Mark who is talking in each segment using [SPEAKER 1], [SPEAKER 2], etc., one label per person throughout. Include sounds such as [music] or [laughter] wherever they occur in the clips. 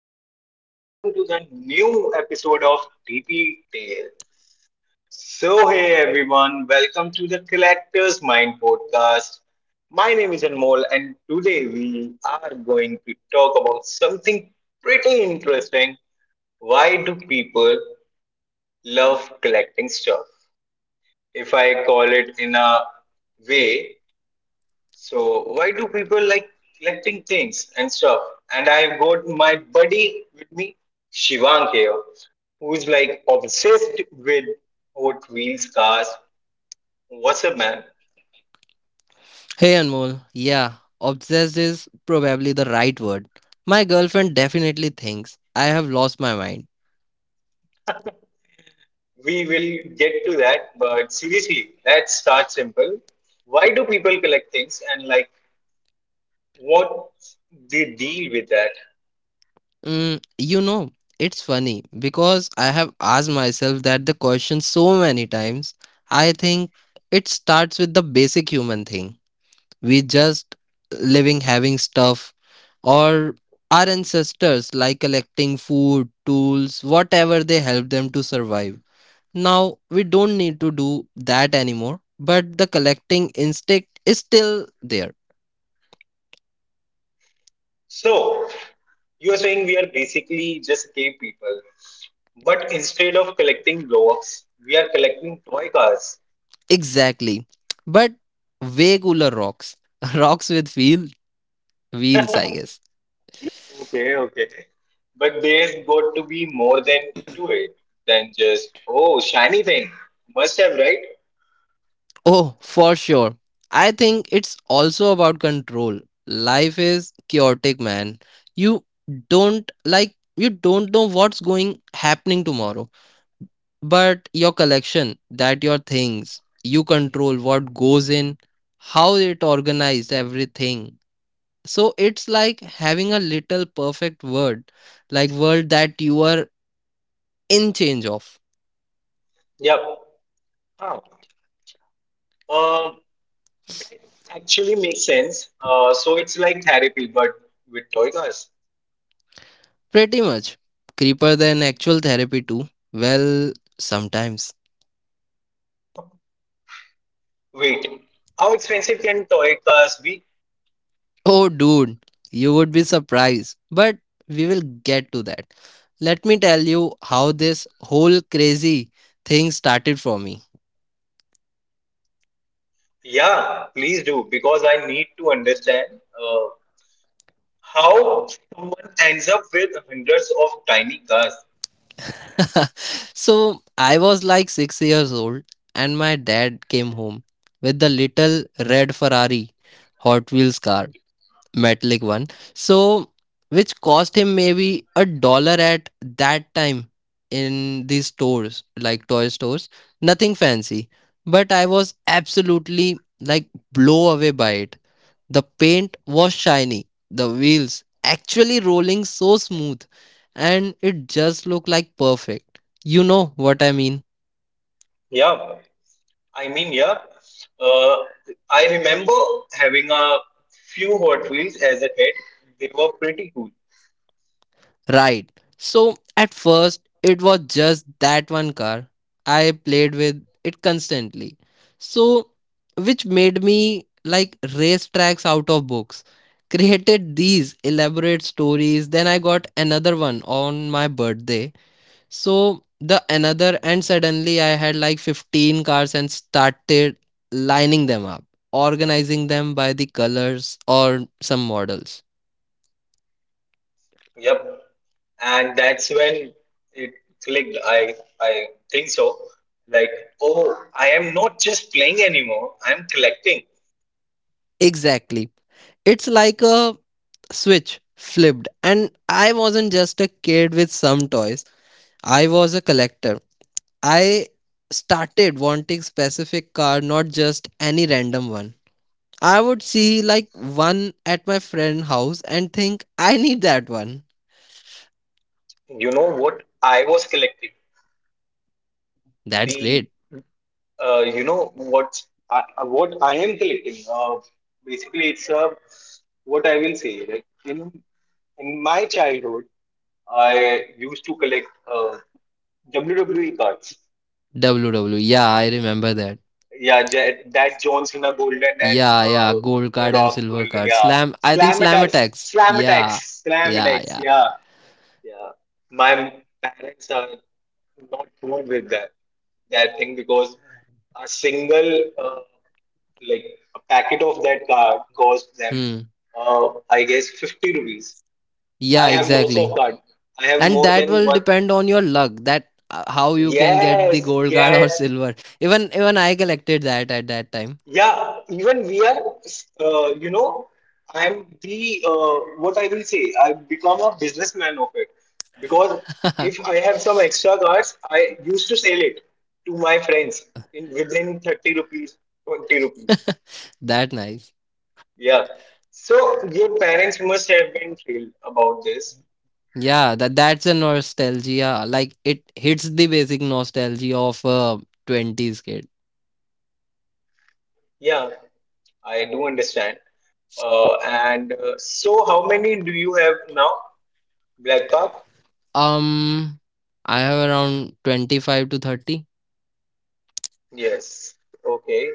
[SPEAKER 1] everyone, welcome to the new episode of DP Tales. So hey everyone, welcome to the Collector's Mind podcast. My name is Anmol and today we are going to talk about something pretty interesting. Why do people love collecting stuff? If I call it in a way. So why do people like collecting things and stuff? And I've got my buddy with me, Shivang here, who's like obsessed with Hot Wheels cars. What's up, man?
[SPEAKER 2] Hey Anmol, yeah, obsessed is probably the right word. My girlfriend definitely thinks I have lost my mind.
[SPEAKER 1] We will get to that, but seriously, let's start simple. Why do people collect things and like what they deal with that?
[SPEAKER 2] You know, it's funny because I have asked myself that the question so many times. I think it starts with the basic human thing. We just living, having stuff, or our ancestors like collecting food, tools, whatever they help them to survive. Now we don't need to do that anymore, but the collecting instinct is still there.
[SPEAKER 1] So you're saying we are basically just cave people, but instead of collecting blocks, we are collecting toy cars.
[SPEAKER 2] Exactly. But way cooler rocks. [laughs] Rocks with wheels, I
[SPEAKER 1] [laughs]
[SPEAKER 2] guess.
[SPEAKER 1] Okay, okay. But there's got to be more than to it than just, oh, shiny thing. Must have, right?
[SPEAKER 2] Oh, for sure. I think it's also about control. Life is chaotic, man. You you don't know what's going happening tomorrow. But your collection, that your things, you control what goes in, how it organized everything. So it's like having a little perfect world that you are in change of.
[SPEAKER 1] Yep. Huh. Um, that actually makes sense. So it's like therapy, but with toy cars.
[SPEAKER 2] Pretty much creeper than actual therapy too. Well, sometimes.
[SPEAKER 1] Wait, how expensive can toy cars be?
[SPEAKER 2] Oh dude, you would be surprised, but we will get to that. Let me tell you how this whole crazy thing started for me.
[SPEAKER 1] Yeah, please do because I need to understand uh, how someone ends up with hundreds of tiny cars.
[SPEAKER 2] [laughs] So I was like 6 years old, and my dad came home with the little red Ferrari Hot Wheels car, metallic one. So, which cost him maybe a dollar at that time, in these stores, like toy stores. Nothing fancy. But I was absolutely like blow away by it. The paint was shiny, the wheels actually rolling so smooth, and it just looked like perfect. You know what I mean?
[SPEAKER 1] Yeah, I mean, yeah. Uh, I remember having a few Hot Wheels as a kid. They were pretty cool.
[SPEAKER 2] Right. So at first, it was just that one car. I played with it constantly. So, which made me like race tracks out of books. [laughs] Created these elaborate stories. Then I got another one on my birthday. So, the another, and suddenly I had like 15 cars and started lining them up, organizing them by the colors or some models.
[SPEAKER 1] Yep. And that's when it clicked. I think so. Like, oh, I am not just playing anymore. I'm collecting.
[SPEAKER 2] Exactly. It's like a switch flipped, and I wasn't just a kid with some toys, I was a collector. I started wanting specific car, not just any random one. I would see like one at my friend house and think I need that one.
[SPEAKER 1] You know what I was collecting?
[SPEAKER 2] That's
[SPEAKER 1] The
[SPEAKER 2] great.
[SPEAKER 1] you know what I am collecting. Basically, it's what I will say. Like in my childhood, I used to collect uh, WWE cards.
[SPEAKER 2] W W. E. Yeah, I remember that.
[SPEAKER 1] Yeah, that John Cena Golden and
[SPEAKER 2] Yeah, yeah, gold
[SPEAKER 1] The
[SPEAKER 2] card and
[SPEAKER 1] Rock
[SPEAKER 2] silver
[SPEAKER 1] Golden.
[SPEAKER 2] card.
[SPEAKER 1] Yeah,
[SPEAKER 2] Slam. I think
[SPEAKER 1] Slam
[SPEAKER 2] slam
[SPEAKER 1] Attacks,
[SPEAKER 2] attacks.
[SPEAKER 1] Slam
[SPEAKER 2] Yeah,
[SPEAKER 1] Attacks, Slam
[SPEAKER 2] yeah,
[SPEAKER 1] Attacks.
[SPEAKER 2] yeah.
[SPEAKER 1] Yeah, yeah, my parents are not good with that thing because a single like a packet of that card cost them
[SPEAKER 2] Hmm.
[SPEAKER 1] I guess 50 rupees. I
[SPEAKER 2] Yeah,
[SPEAKER 1] have lots
[SPEAKER 2] exactly.
[SPEAKER 1] of card. I have
[SPEAKER 2] And
[SPEAKER 1] more
[SPEAKER 2] that
[SPEAKER 1] than
[SPEAKER 2] will
[SPEAKER 1] one.
[SPEAKER 2] depend on your luck, that how you can get the
[SPEAKER 1] Yes,
[SPEAKER 2] gold card
[SPEAKER 1] yes.
[SPEAKER 2] or silver. Even I collected that at that time.
[SPEAKER 1] Yeah, even we are, uh, you know, I'm the, what I will say, I become a businessman of it. Because if
[SPEAKER 2] [laughs]
[SPEAKER 1] I have some extra cards, I used to sell it to my friends in within 30 rupees, 20 rupees.
[SPEAKER 2] That nice.
[SPEAKER 1] Yeah. So your parents must have been thrilled about this.
[SPEAKER 2] Yeah, that that's a nostalgia, like it hits the basic nostalgia of a 20s kid.
[SPEAKER 1] Yeah, I do understand. And so how many do you have now? Black Park?
[SPEAKER 2] um I have around 25 to 30.
[SPEAKER 1] Yes. Okay,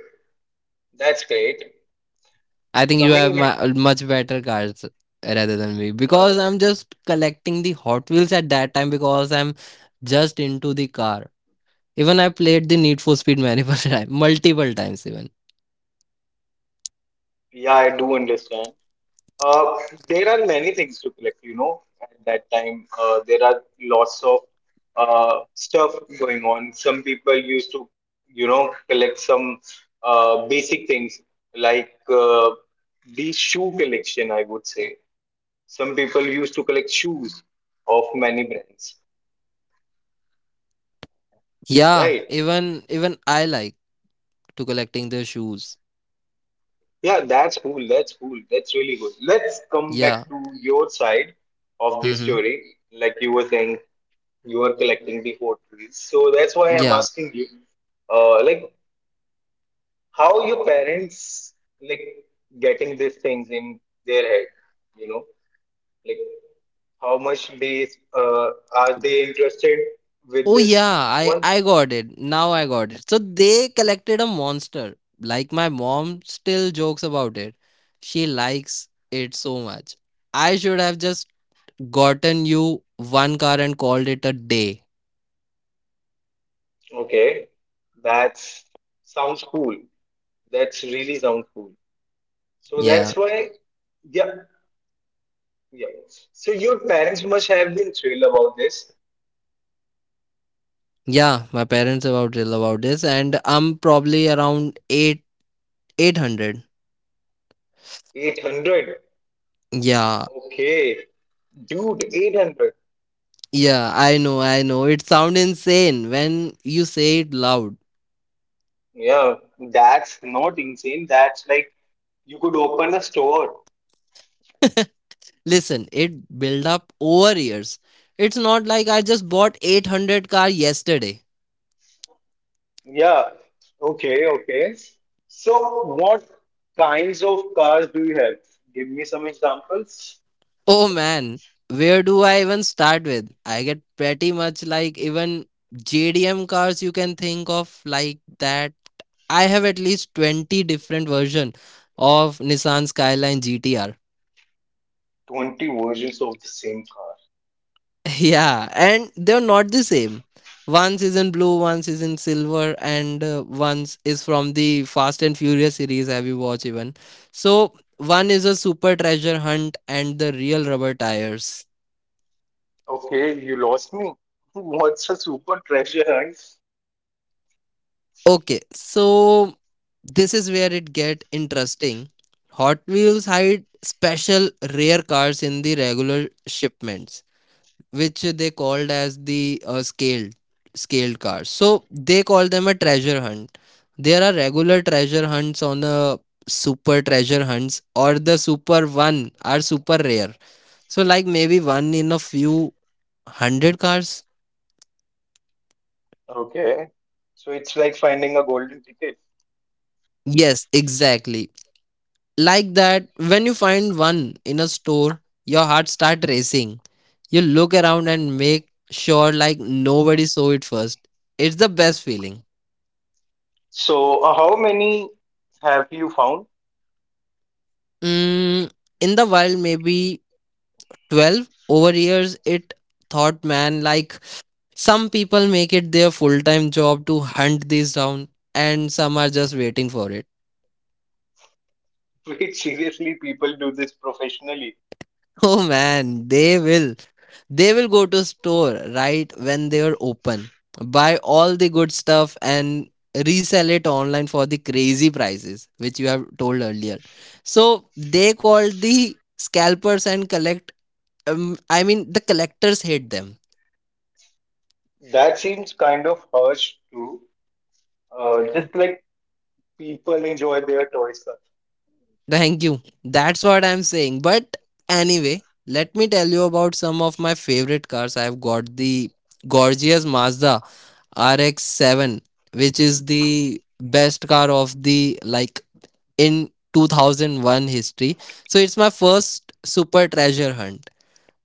[SPEAKER 1] that's great.
[SPEAKER 2] I think you have
[SPEAKER 1] Coming back,
[SPEAKER 2] my much better cards rather than me, because
[SPEAKER 1] uh,
[SPEAKER 2] I'm just collecting the Hot Wheels at that time because I'm just into the car. Even I played the Need for Speed multiple [laughs] times, multiple times even.
[SPEAKER 1] yeah, I do understand. uh, there are many things to collect, at that time. There are lots of stuff going on. Some people used to, collect some basic things like, uh, the shoe collection, I would say. Some people used to collect shoes of many brands,
[SPEAKER 2] Yeah,
[SPEAKER 1] right?
[SPEAKER 2] even even I like to collecting the shoes.
[SPEAKER 1] Yeah, that's cool. That's cool. That's really good. Let's come
[SPEAKER 2] Yeah.
[SPEAKER 1] back to your side of the
[SPEAKER 2] Mm-hmm.
[SPEAKER 1] story. Like you were saying, you are collecting the photos. So that's why I'm
[SPEAKER 2] Yeah.
[SPEAKER 1] asking you, like how your parents like getting these things in their head, you know, like how much they uh, are they interested with
[SPEAKER 2] Oh
[SPEAKER 1] this
[SPEAKER 2] yeah, I
[SPEAKER 1] one?
[SPEAKER 2] I got it. Now I got it. So they collected a monster. Like my mom still jokes about it. She likes it so much. I should have just gotten you one car and called it a day.
[SPEAKER 1] Okay, that's sounds cool. That's really sounds cool. So
[SPEAKER 2] Yeah.
[SPEAKER 1] that's why. Yeah, yeah. So your parents must have been thrilled about this.
[SPEAKER 2] Yeah, my parents about till about this and I'm probably around 8 800.
[SPEAKER 1] 800.
[SPEAKER 2] Yeah,
[SPEAKER 1] Okay. Dude, 800.
[SPEAKER 2] yeah, I know, I know. It sounds insane when you say it loud.
[SPEAKER 1] Yeah. That's not insane. That's like you could open a store.
[SPEAKER 2] Listen, it built up over years. It's not like I just bought 800 car yesterday.
[SPEAKER 1] Yeah. Okay. Okay. So what kinds of cars do you have? Give me some examples.
[SPEAKER 2] Oh man, where do I even start with? I get pretty much like even JDM cars you can think of, like that. I have at least 20 different version of Nissan Skyline GTR.
[SPEAKER 1] 20 versions of the same car.
[SPEAKER 2] [laughs] Yeah, and they're not the same. One is in blue, one is in silver, and one is from the Fast and Furious series. Have you watched even? So one is a super treasure hunt, and the real rubber tires.
[SPEAKER 1] Okay. You lost me. [laughs] What's a super treasure hunt?
[SPEAKER 2] Okay, so this is where it get interesting. Hot Wheels hide special rare cars in the regular shipments, which they called as the scaled cars. So they call them a treasure hunt. There are regular treasure hunts on the super treasure hunts, or the super one are super rare. So like maybe one in a few hundred cars.
[SPEAKER 1] Okay. So it's like finding a golden ticket.
[SPEAKER 2] Yes, exactly like that. When you find one in a store, your heart start racing. You look around and make sure like nobody saw it first. It's the best feeling.
[SPEAKER 1] So, how many have you found?
[SPEAKER 2] Mm, in the wild maybe 12 over years. It thought, man, like some people make it their full-time job to hunt these down, and some are just waiting for it.
[SPEAKER 1] [laughs] Wait, seriously, people do this professionally.
[SPEAKER 2] [laughs] Oh man, they will go to store right when they are open, buy all the good stuff and resell it online for the crazy prices, which you have told earlier. So they called the scalpers and collect, I mean the collectors hate them.
[SPEAKER 1] That seems kind of harsh, too. Just like people enjoy their toys, sir.
[SPEAKER 2] Thank you. That's what I'm saying. But anyway, let me tell you about some of my favorite cars. I've got the gorgeous Mazda RX-7, which is the best car of the like in 2001 history. So it's my first super treasure hunt.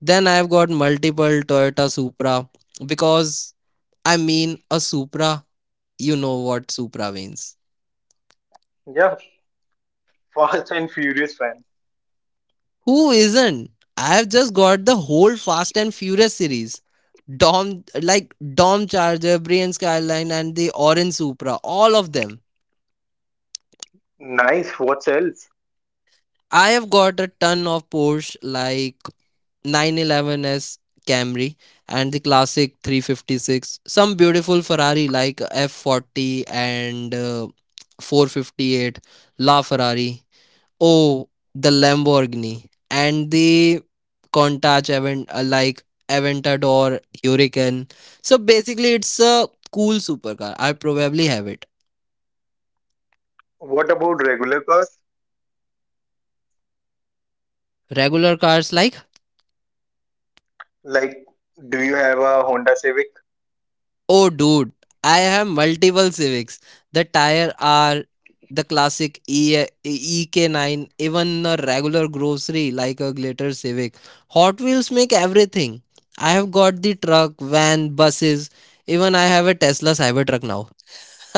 [SPEAKER 2] Then I've got multiple Toyota Supra, because I mean a Supra, you know what Supra means.
[SPEAKER 1] Yeah, [laughs] Fast and Furious fan.
[SPEAKER 2] Who isn't? I have just got the whole Fast and Furious series. Dom Charger, Brian Skyline, and the Orange Supra, all of them.
[SPEAKER 1] Nice. What else?
[SPEAKER 2] I have got a ton of Porsche, like 911S Camry and the classic 356, some beautiful Ferrari like F40 and 458 La Ferrari. Oh, the Lamborghini and the Countach Avent like Aventador Hurricane. So basically, it's a cool supercar, I probably have it.
[SPEAKER 1] What about regular cars?
[SPEAKER 2] Regular cars like,
[SPEAKER 1] Like, do you have a Honda Civic?
[SPEAKER 2] oh dude, I have multiple Civics. The tire are the classic EK9, even a regular grocery like a glitter Civic. Hot Wheels make everything. I have got the truck, van, buses. Even I have a Tesla Cybertruck now.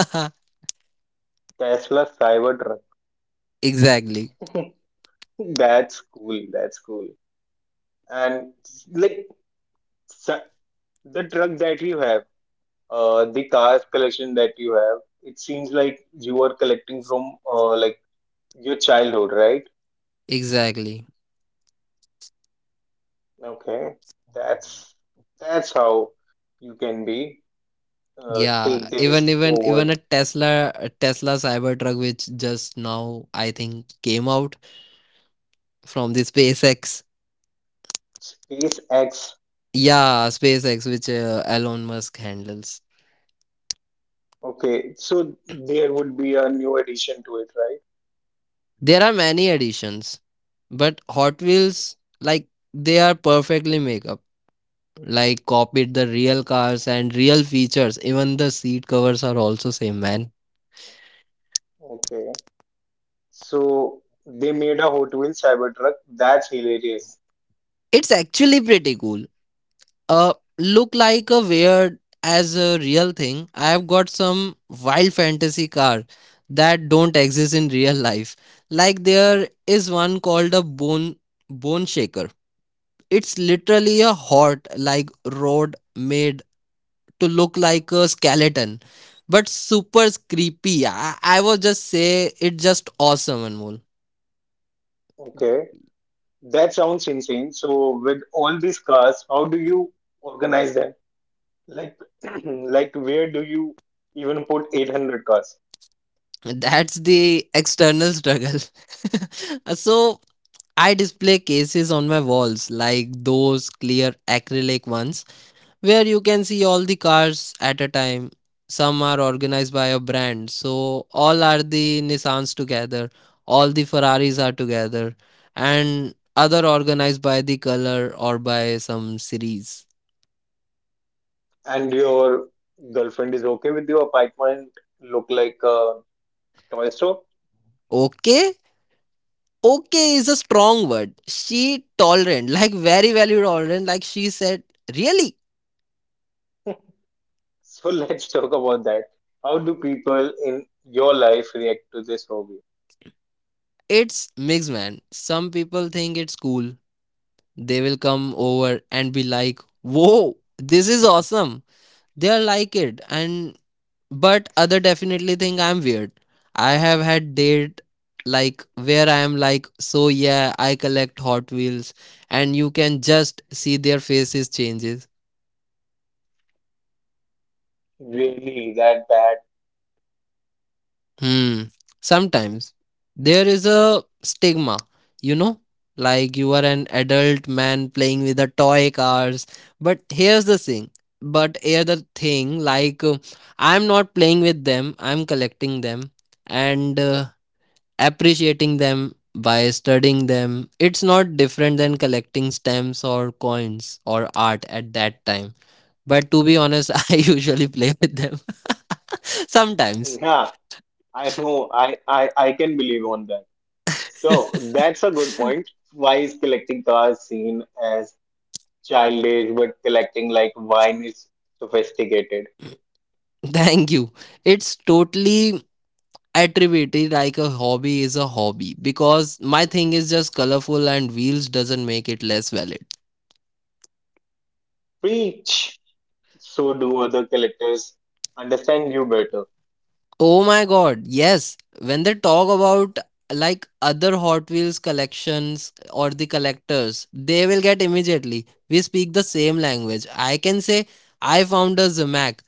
[SPEAKER 2] [laughs]
[SPEAKER 1] Tesla Cybertruck.
[SPEAKER 2] Exactly.
[SPEAKER 1] [laughs] That's cool. That's cool. And like s- the truck that you have. The cars collection that you have, it seems like you are collecting from like your childhood, right?
[SPEAKER 2] Exactly.
[SPEAKER 1] Okay, that's that's how you can be take
[SPEAKER 2] Yeah. Even
[SPEAKER 1] this
[SPEAKER 2] even
[SPEAKER 1] forward.
[SPEAKER 2] even a Tesla Cybertruck, which just now I think came out from the SpaceX.
[SPEAKER 1] SpaceX.
[SPEAKER 2] Yeah, SpaceX, which Elon Musk handles.
[SPEAKER 1] Okay, so there would be a new addition to it, right?
[SPEAKER 2] There are many additions, but Hot Wheels like they are perfectly make up. Like copied the real cars and real features. Even the seat covers are also same, man.
[SPEAKER 1] Okay, so they made a Hot Wheels Cybertruck. That's hilarious.
[SPEAKER 2] It's actually pretty cool. Uh, Look like a weird as a real thing. I've got some wild fantasy car that don't exist in real life. Like there is one called a bone shaker. It's literally a hot like rod made to look like a skeleton, but super creepy. I was just say it's just awesome, Anmol.
[SPEAKER 1] Okay, that sounds insane. So with all these cars, how do you organize that? Like, [clears throat] like where do you even put 800 cars?
[SPEAKER 2] That's the external struggle. [laughs] So I display cases on my walls, like those clear acrylic ones, where you can see all the cars at a time. Some are organized by a brand, so all are the Nissans together, all the Ferraris are together, and other organized by the color or by some series.
[SPEAKER 1] And your girlfriend is okay with your apartment look like a toy store?
[SPEAKER 2] Okay? Okay is a strong word. She tolerant, like very value tolerant, like she said, really?
[SPEAKER 1] So [laughs] let's talk about that. How do people in your life react to this hobby?
[SPEAKER 2] It's mixed, man. Some people think it's cool. They will come over and be like, "Whoa, this is awesome." They'll like it, and but other definitely think I'm weird. I have had date like where I am like, so yeah, I collect Hot Wheels, and you can just see their faces changes.
[SPEAKER 1] Really, that bad?
[SPEAKER 2] Hmm. Sometimes there is a stigma, you know, like you are an adult man playing with the toy cars. But here's the thing. But here the thing, like I'm not playing with them. I'm collecting them and appreciating them by studying them. It's not different than collecting stamps or coins or art at that time. But to be honest, [laughs] I usually play with them [laughs] sometimes.
[SPEAKER 1] Yeah, I know. I can believe on that. So that's a good point. Why is collecting cars seen as childish, but collecting like wine is sophisticated?
[SPEAKER 2] Thank you. It's totally attributed, like a hobby is a hobby, because my thing is just colorful and wheels doesn't make it less valid.
[SPEAKER 1] Preach. So do other collectors understand you better.
[SPEAKER 2] Oh my god, yes. When they talk about like other Hot Wheels collections or the collectors, they will get immediately. We speak the same language. I can say I found a Zamac,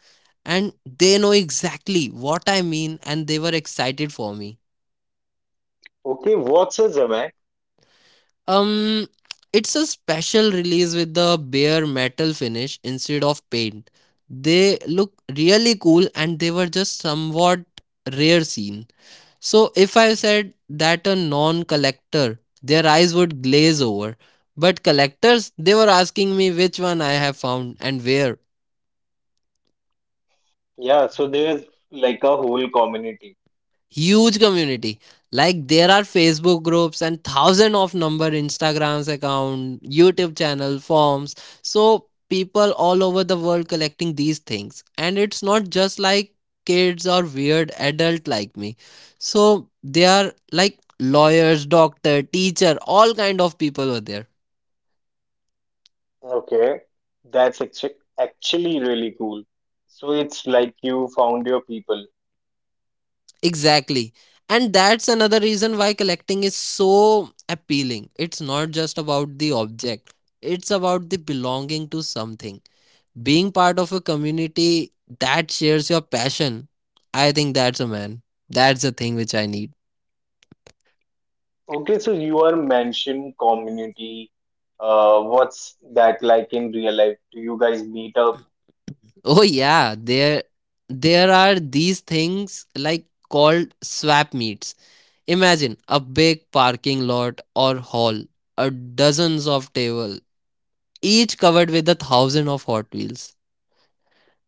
[SPEAKER 2] and they know exactly what I mean and they were excited for me.
[SPEAKER 1] Okay, what's a Zemek?
[SPEAKER 2] Um, it's a special release with the bare metal finish instead of paint. They look really cool and they were just somewhat rare seen. So if I said that a non-collector, their eyes would glaze over. But collectors, they were asking me which one I have found and where.
[SPEAKER 1] Yeah, so there's like a whole community.
[SPEAKER 2] Huge community, like there are Facebook groups and thousand of number Instagrams account, YouTube channel forms. So people all over the world collecting these things, and it's not just like kids or weird adult like me. So they are like lawyers, doctor, teacher, all kind of people were there.
[SPEAKER 1] Okay, that's actually really cool. So it's like you found your people.
[SPEAKER 2] Exactly, and that's another reason why collecting is so appealing. It's not just about the object, it's about the belonging to something, being part of a community that shares your passion. I think that's a man. That's the thing which I need.
[SPEAKER 1] Okay, so you are mentioned community. What's that like in real life? Do you guys meet up?
[SPEAKER 2] Oh yeah, there are these things like called swap meets. Imagine a big parking lot or hall, a dozens of table, each covered with a thousand of Hot Wheels.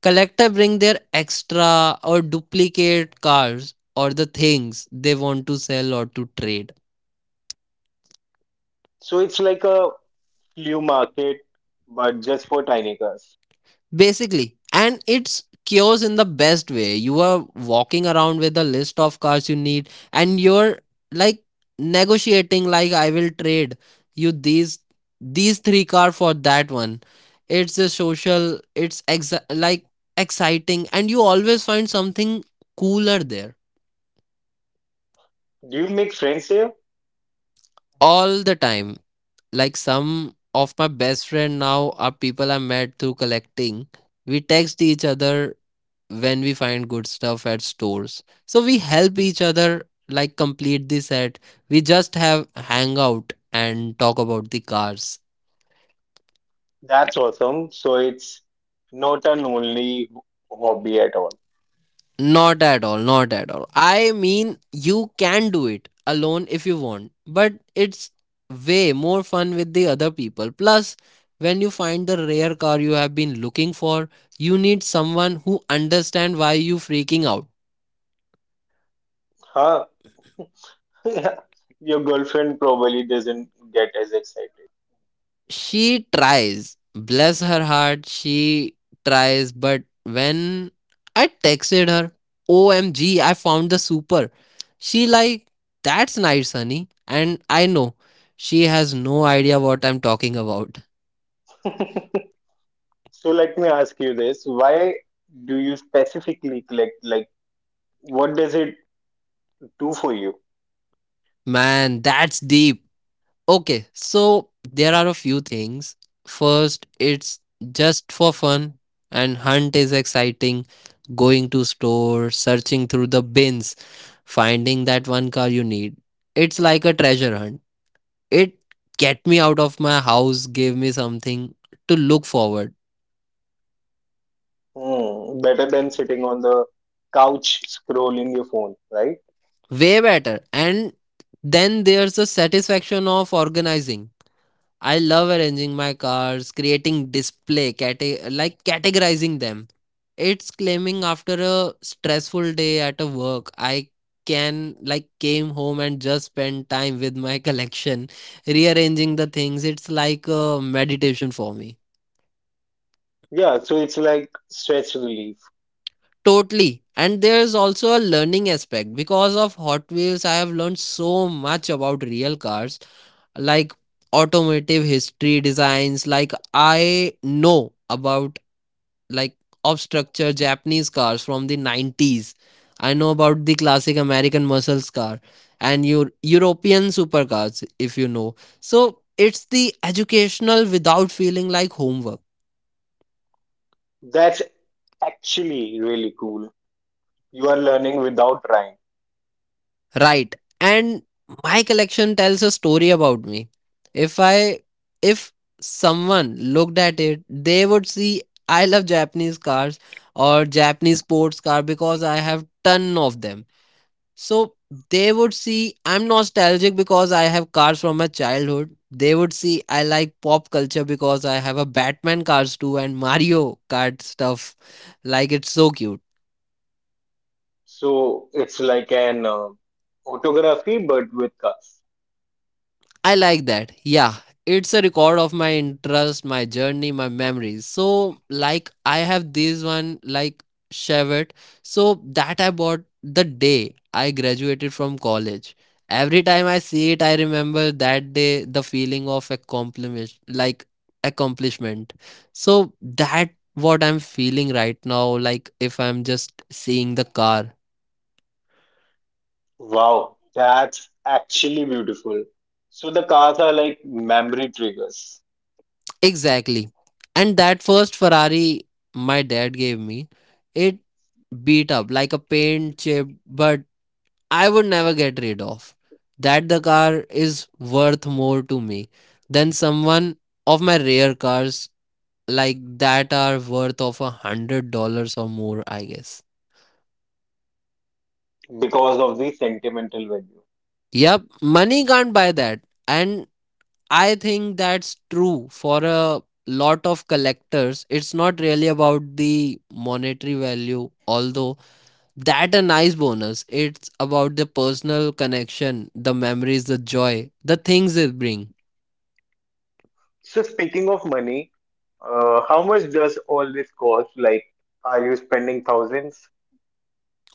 [SPEAKER 2] Collector bring their extra or duplicate cars or the things they want to sell or to trade.
[SPEAKER 1] So it's like a flea market, but just for tiny cars.
[SPEAKER 2] Basically, and it's chaos in the best way. You are walking around with a list of cars you need, and you're like negotiating, like, I will trade you these three car for that one. It's a social, it's like exciting, and you always find something cooler there.
[SPEAKER 1] Do you make friends here?
[SPEAKER 2] All the time. Like some of my best friend now are people I met through collecting. We text each other when we find good stuff at stores. So we help each other like complete the set. We just have hangout and talk about the cars.
[SPEAKER 1] That's awesome. So it's not an only hobby at all.
[SPEAKER 2] Not at all, not at all. I mean, you can do it alone if you want, but it's way more fun with the other people. Plus, when you find the rare car you have been looking for, you need someone who understand why you freaking out.
[SPEAKER 1] Huh? [laughs] Your girlfriend probably doesn't get as excited.
[SPEAKER 2] She tries, bless her heart. She tries, but when I texted her, omg I found the super, she like, that's nice honey, and I know she has no idea what I'm talking about.
[SPEAKER 1] [laughs] So let me ask you this. Why do you specifically collect? Like, what does it do for you?
[SPEAKER 2] Man, that's deep. Okay, so there are a few things. First, it's just for fun, and hunt is exciting. Going to store, searching through the bins, finding that one car you need. It's like a treasure hunt. It get me out of my house, gave me something to look forward.
[SPEAKER 1] Hmm, better than sitting on the couch scrolling your phone, right?
[SPEAKER 2] Way better. And then there's the satisfaction of organizing. I love arranging my cars, creating display, like categorizing them. It's claiming after a stressful day at a work, I can like came home and just spend time with my [laughs] collection, rearranging the things. It's like a meditation for me.
[SPEAKER 1] Yeah, so it's like stress relief.
[SPEAKER 2] Totally. And there's also a learning aspect. Because of Hot Wheels, I have learned so much about real cars, like automotive history designs, like I know about like of structure Japanese cars from the 90s. I know about the classic American muscles car and your European supercars, if you know. So it's the educational without feeling like homework.
[SPEAKER 1] That's actually really cool. You are learning without trying.
[SPEAKER 2] Right. And my collection tells a story about me. If I if someone looked at it, they would see I love Japanese cars or Japanese sports car because I have ton of them. So they would see I'm nostalgic because I have cars from my childhood. They would see I like pop culture because I have a Batman cars too and Mario Kart stuff. Like it's so cute.
[SPEAKER 1] So it's like an photography but with cars.
[SPEAKER 2] I like that. Yeah, it's a record of my interest, my journey, my memories. So, like, I have this one, like, Chevette. So, that I bought the day I graduated from college. Every time I see it, I remember that day the feeling of accomplishment, like accomplishment. So that what I'm feeling right now, like if I'm just seeing the car.
[SPEAKER 1] Wow, that's actually beautiful. So the cars are like memory triggers
[SPEAKER 2] Exactly. And that first Ferrari my dad gave me, it beat up like a paint chip, but I would never get rid of. That the car is worth more to me than someone of my rare cars like that are worth of $100 or more, I guess.
[SPEAKER 1] because of the sentimental value.
[SPEAKER 2] Yep, money can't buy that. And I think that's true for a lot of collectors. It's not really about the monetary value, although that a nice bonus, it's about the personal connection, the memories, the joy, the things it bring.
[SPEAKER 1] So speaking of money, how much does all this cost? Like, are you spending thousands?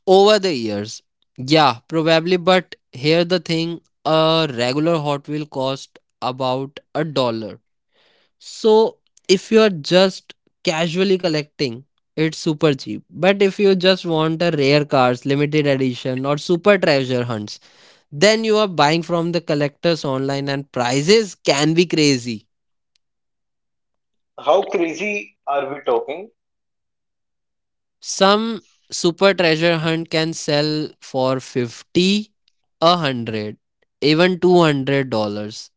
[SPEAKER 2] Over the years, yeah, probably. But here the thing, a regular Hot Wheel cost about a dollar. So if you are just casually collecting, it's super cheap. But if you just want a rare cars limited edition or super treasure hunts, then you are buying from the collectors online and prices can be crazy.
[SPEAKER 1] How crazy are we talking?
[SPEAKER 2] Some super treasure hunt can sell for 50, a 100, even $200,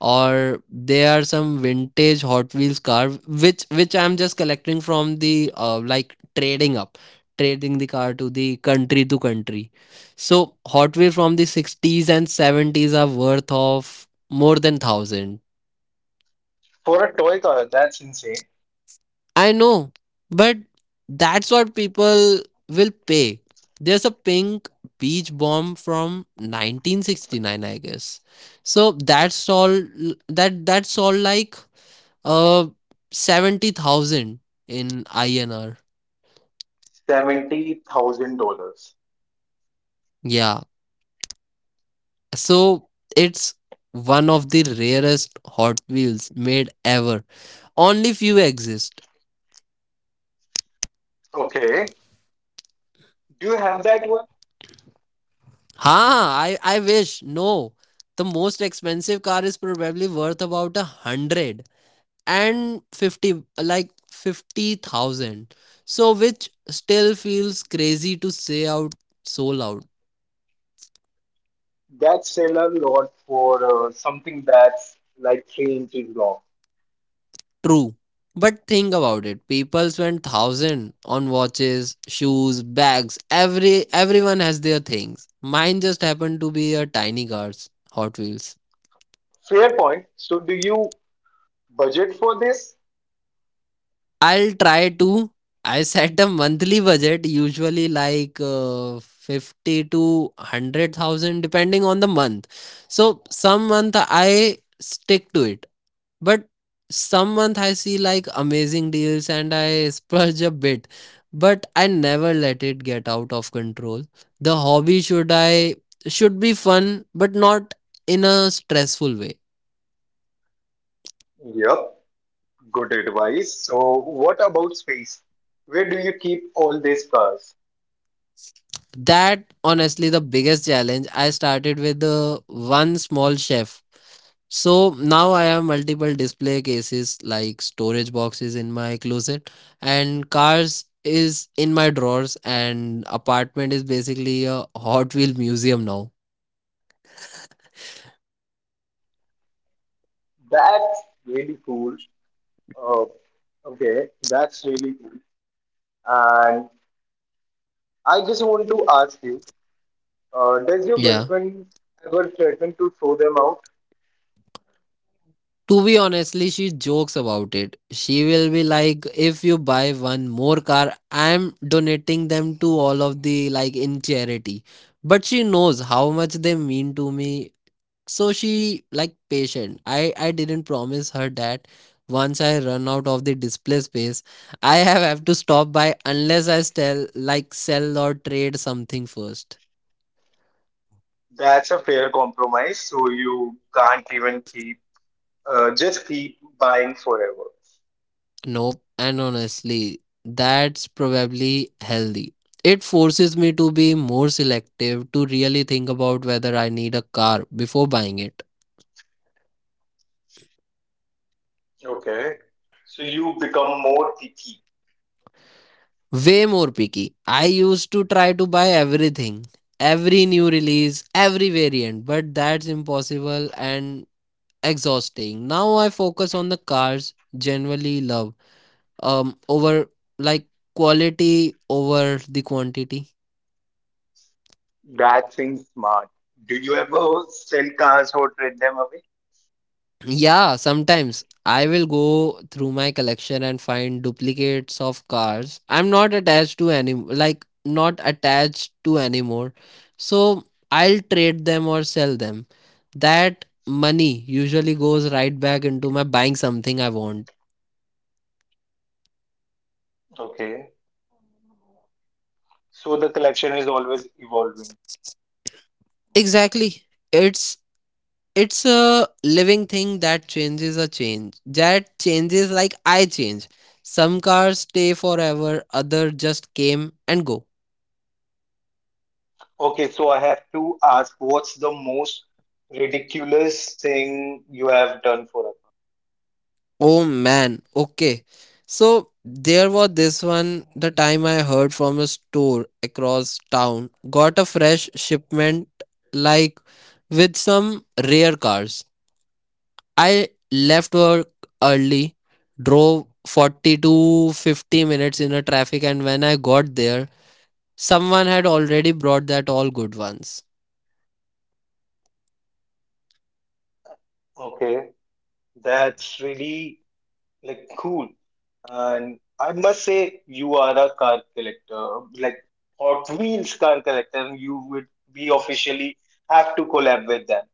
[SPEAKER 2] or there are some vintage Hot Wheels car which I'm just collecting from the like trading up trading the car to the country to country. So Hot Wheels from the 60s and 70s are worth of more than 1000.
[SPEAKER 1] For a toy car, that's insane.
[SPEAKER 2] I know, but that's what people will pay. There's a pink beach bomb from 1969, I guess. So that's all. That's all like uh 70,000 in INR.
[SPEAKER 1] $70,000.
[SPEAKER 2] Yeah. So it's one of the rarest Hot Wheels made ever. Only few exist.
[SPEAKER 1] Okay. Do you have that one?
[SPEAKER 2] Huh, I wish. No. The most expensive car is probably worth about 150, like 50,000. So, which still feels crazy to say out so loud.
[SPEAKER 1] That's said a lot for something that's like 3 inches long.
[SPEAKER 2] True. But think about it. People spend thousand on watches, shoes, bags. Everyone has their things. Mine just happened to be a tiny cars, Hot Wheels.
[SPEAKER 1] Fair point. So, do you budget for this?
[SPEAKER 2] I'll try to. I set a monthly budget, usually like 50 to 100,000, depending on the month. So, some month I stick to it, but some month I see like amazing deals and I [laughs] splurge a bit, but I never let it get out of control. The hobby should be fun, but not in a stressful way.
[SPEAKER 1] Yep, good advice. So, what about space? Where do you keep all these cars?
[SPEAKER 2] That honestly the biggest challenge. I started with the one small chef. So now I have multiple display cases like storage boxes in my closet, and cars is in my drawers, and apartment is basically a Hot Wheel museum now.
[SPEAKER 1] That's really cool. Uh, okay, that's really cool. And I just want to ask you, does your
[SPEAKER 2] Yeah,
[SPEAKER 1] girlfriend ever threaten to throw them out?
[SPEAKER 2] to be honestly, she jokes about it. She will be like, if you buy one more car, I'm donating them to all of the like in charity. But she knows how much they mean to me, so she like patient. I didn't promise her that once I run out of the display space, I have to stop by unless I sell like sell or trade something first.
[SPEAKER 1] That's a fair compromise. So you can't even keep just keep buying forever.
[SPEAKER 2] Nope, and honestly that's probably healthy. It forces me to be more selective, to really think about whether I need a car before buying it.
[SPEAKER 1] Okay. So you become more picky.
[SPEAKER 2] Way more picky. I used to try to buy everything, every new release, every variant, but that's impossible and exhausting. Now I focus on the cars generally love, over like quality over the quantity.
[SPEAKER 1] That seems smart. Do you ever sell cars or trade them away?
[SPEAKER 2] Yeah, sometimes I will go through my collection and find duplicates of cars. I'm not attached to any like not attached to anymore. So I'll trade them or sell them. That money usually goes right back into my buying something I want.
[SPEAKER 1] Okay. So the collection is always evolving.
[SPEAKER 2] Exactly. It's it's a living thing that changes, a change that changes, like I change. Some cars stay forever, other just came and go.
[SPEAKER 1] Okay, so I have to ask, what's the most ridiculous thing you have done for a
[SPEAKER 2] Oh man, okay, so there was this one the time I heard from a store across town got a fresh shipment, like, with some rare cars. I left work early, drove 40 to 50 minutes in a traffic, and when I got there someone had already brought that all good ones.
[SPEAKER 1] car? Okay. That's really, like, cool. And I must say you are a car collector, like Hot Wheels car collector, and you would be officially have to collab with them.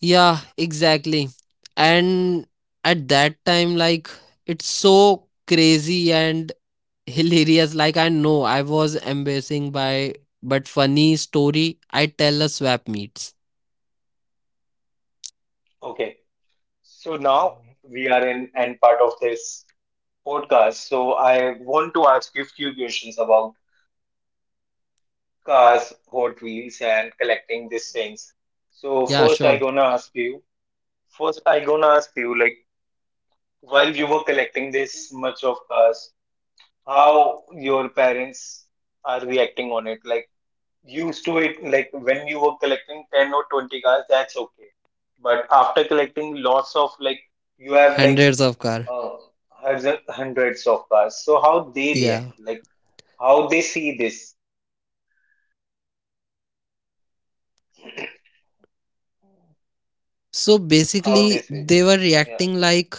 [SPEAKER 2] Yeah, exactly. And at that time, like, it's so crazy and [laughs] hilarious. Like, I know I was embarrassing by, but funny story I tell a swap meets.
[SPEAKER 1] Okay. So now we are in end part of this podcast. So I want to ask you a few questions about cars, Hot Wheels, and collecting these things. So
[SPEAKER 2] Yeah,
[SPEAKER 1] first I
[SPEAKER 2] sure.
[SPEAKER 1] gonna ask you, like while you were collecting this much of cars, how your parents are reacting on it. Like used to it, like when you were collecting 10 or 20 cars, that's okay. But after collecting lots of like you have like
[SPEAKER 2] Hundreds of car.
[SPEAKER 1] uh, hundreds of cars. So how they react,
[SPEAKER 2] Yeah.
[SPEAKER 1] like how they see this,
[SPEAKER 2] So
[SPEAKER 1] how they
[SPEAKER 2] basically,
[SPEAKER 1] see
[SPEAKER 2] they
[SPEAKER 1] this.
[SPEAKER 2] were
[SPEAKER 1] Yeah.
[SPEAKER 2] reacting like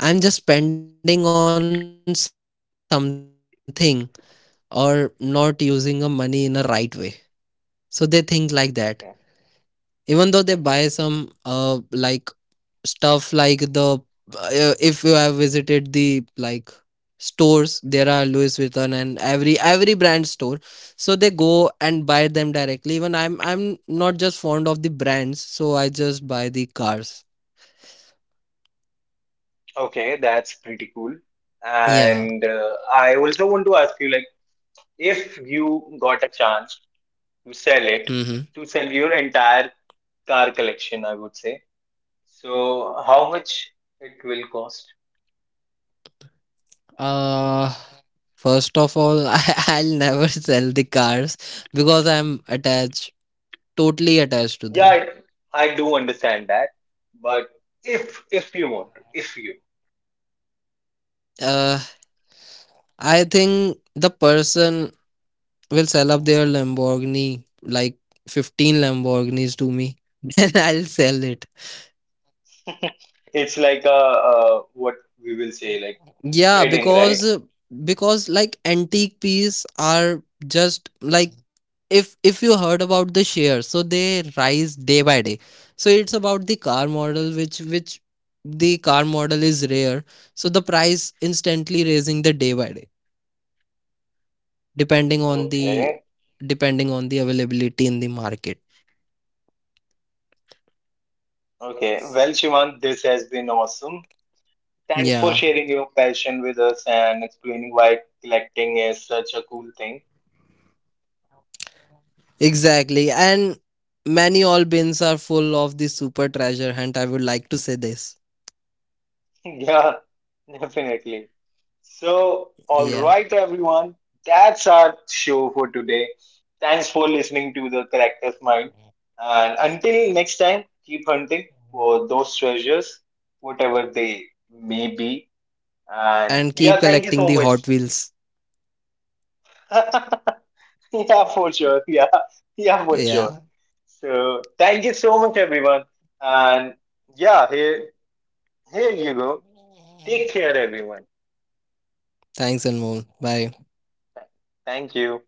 [SPEAKER 2] I'm just spending on something or not using a money in a right way. So they think like that. Even though they
[SPEAKER 1] Okay.
[SPEAKER 2] buy some like
[SPEAKER 1] Okay.
[SPEAKER 2] stuff like the if you have visited the like stores, there are louis vuitton and every brand store, so they go and buy them directly, even I'm not just fond of the brands, so I just buy the cars.
[SPEAKER 1] Okay. That's pretty cool.
[SPEAKER 2] Yeah.
[SPEAKER 1] And I also want to ask you, like, if you got a chance to sell it,
[SPEAKER 2] Mm-hmm.
[SPEAKER 1] to sell your entire car collection, I would say. So, how much it will cost?
[SPEAKER 2] uh First of all, [laughs] I'll never sell the cars because I'm attached, totally attached to them.
[SPEAKER 1] Yeah, I do understand that, but if you want, to, if you,
[SPEAKER 2] Uh, I think the person will sell up their Lamborghini, like 15 Lamborghinis to me, [laughs] and I'll sell it.
[SPEAKER 1] [laughs] it's like a, what we will say like
[SPEAKER 2] Yeah,
[SPEAKER 1] trading, right?
[SPEAKER 2] because like antique pieces are just like if you heard about the shares, so they rise day by day. So it's about the car model which the car model is rare. So the price instantly raising the day by day, depending on the
[SPEAKER 1] Okay,
[SPEAKER 2] depending on the availability in the market.
[SPEAKER 1] okay. Well, Shivant, this has been awesome. Thanks for
[SPEAKER 2] Yeah.
[SPEAKER 1] sharing your passion with us and explaining why collecting is such a cool thing.
[SPEAKER 2] Exactly. And many all bins are full of the super treasure hunt. I would like to say this.
[SPEAKER 1] [laughs] Yeah, definitely. So, all
[SPEAKER 2] Yeah.
[SPEAKER 1] right, everyone, that's our show for today. Thanks for listening to the Collector's Mind. And until next time, keep hunting for those treasures, whatever they may be. And
[SPEAKER 2] And keep
[SPEAKER 1] yeah, thank you
[SPEAKER 2] collecting
[SPEAKER 1] so
[SPEAKER 2] the
[SPEAKER 1] much.
[SPEAKER 2] Hot Wheels.
[SPEAKER 1] [laughs] Yeah, for sure. Yeah, yeah, for sure.
[SPEAKER 2] Yeah.
[SPEAKER 1] So, thank you so much, everyone. And yeah, here you go. Take care, everyone.
[SPEAKER 2] Thanks, Anmol. Bye.
[SPEAKER 1] Thank you.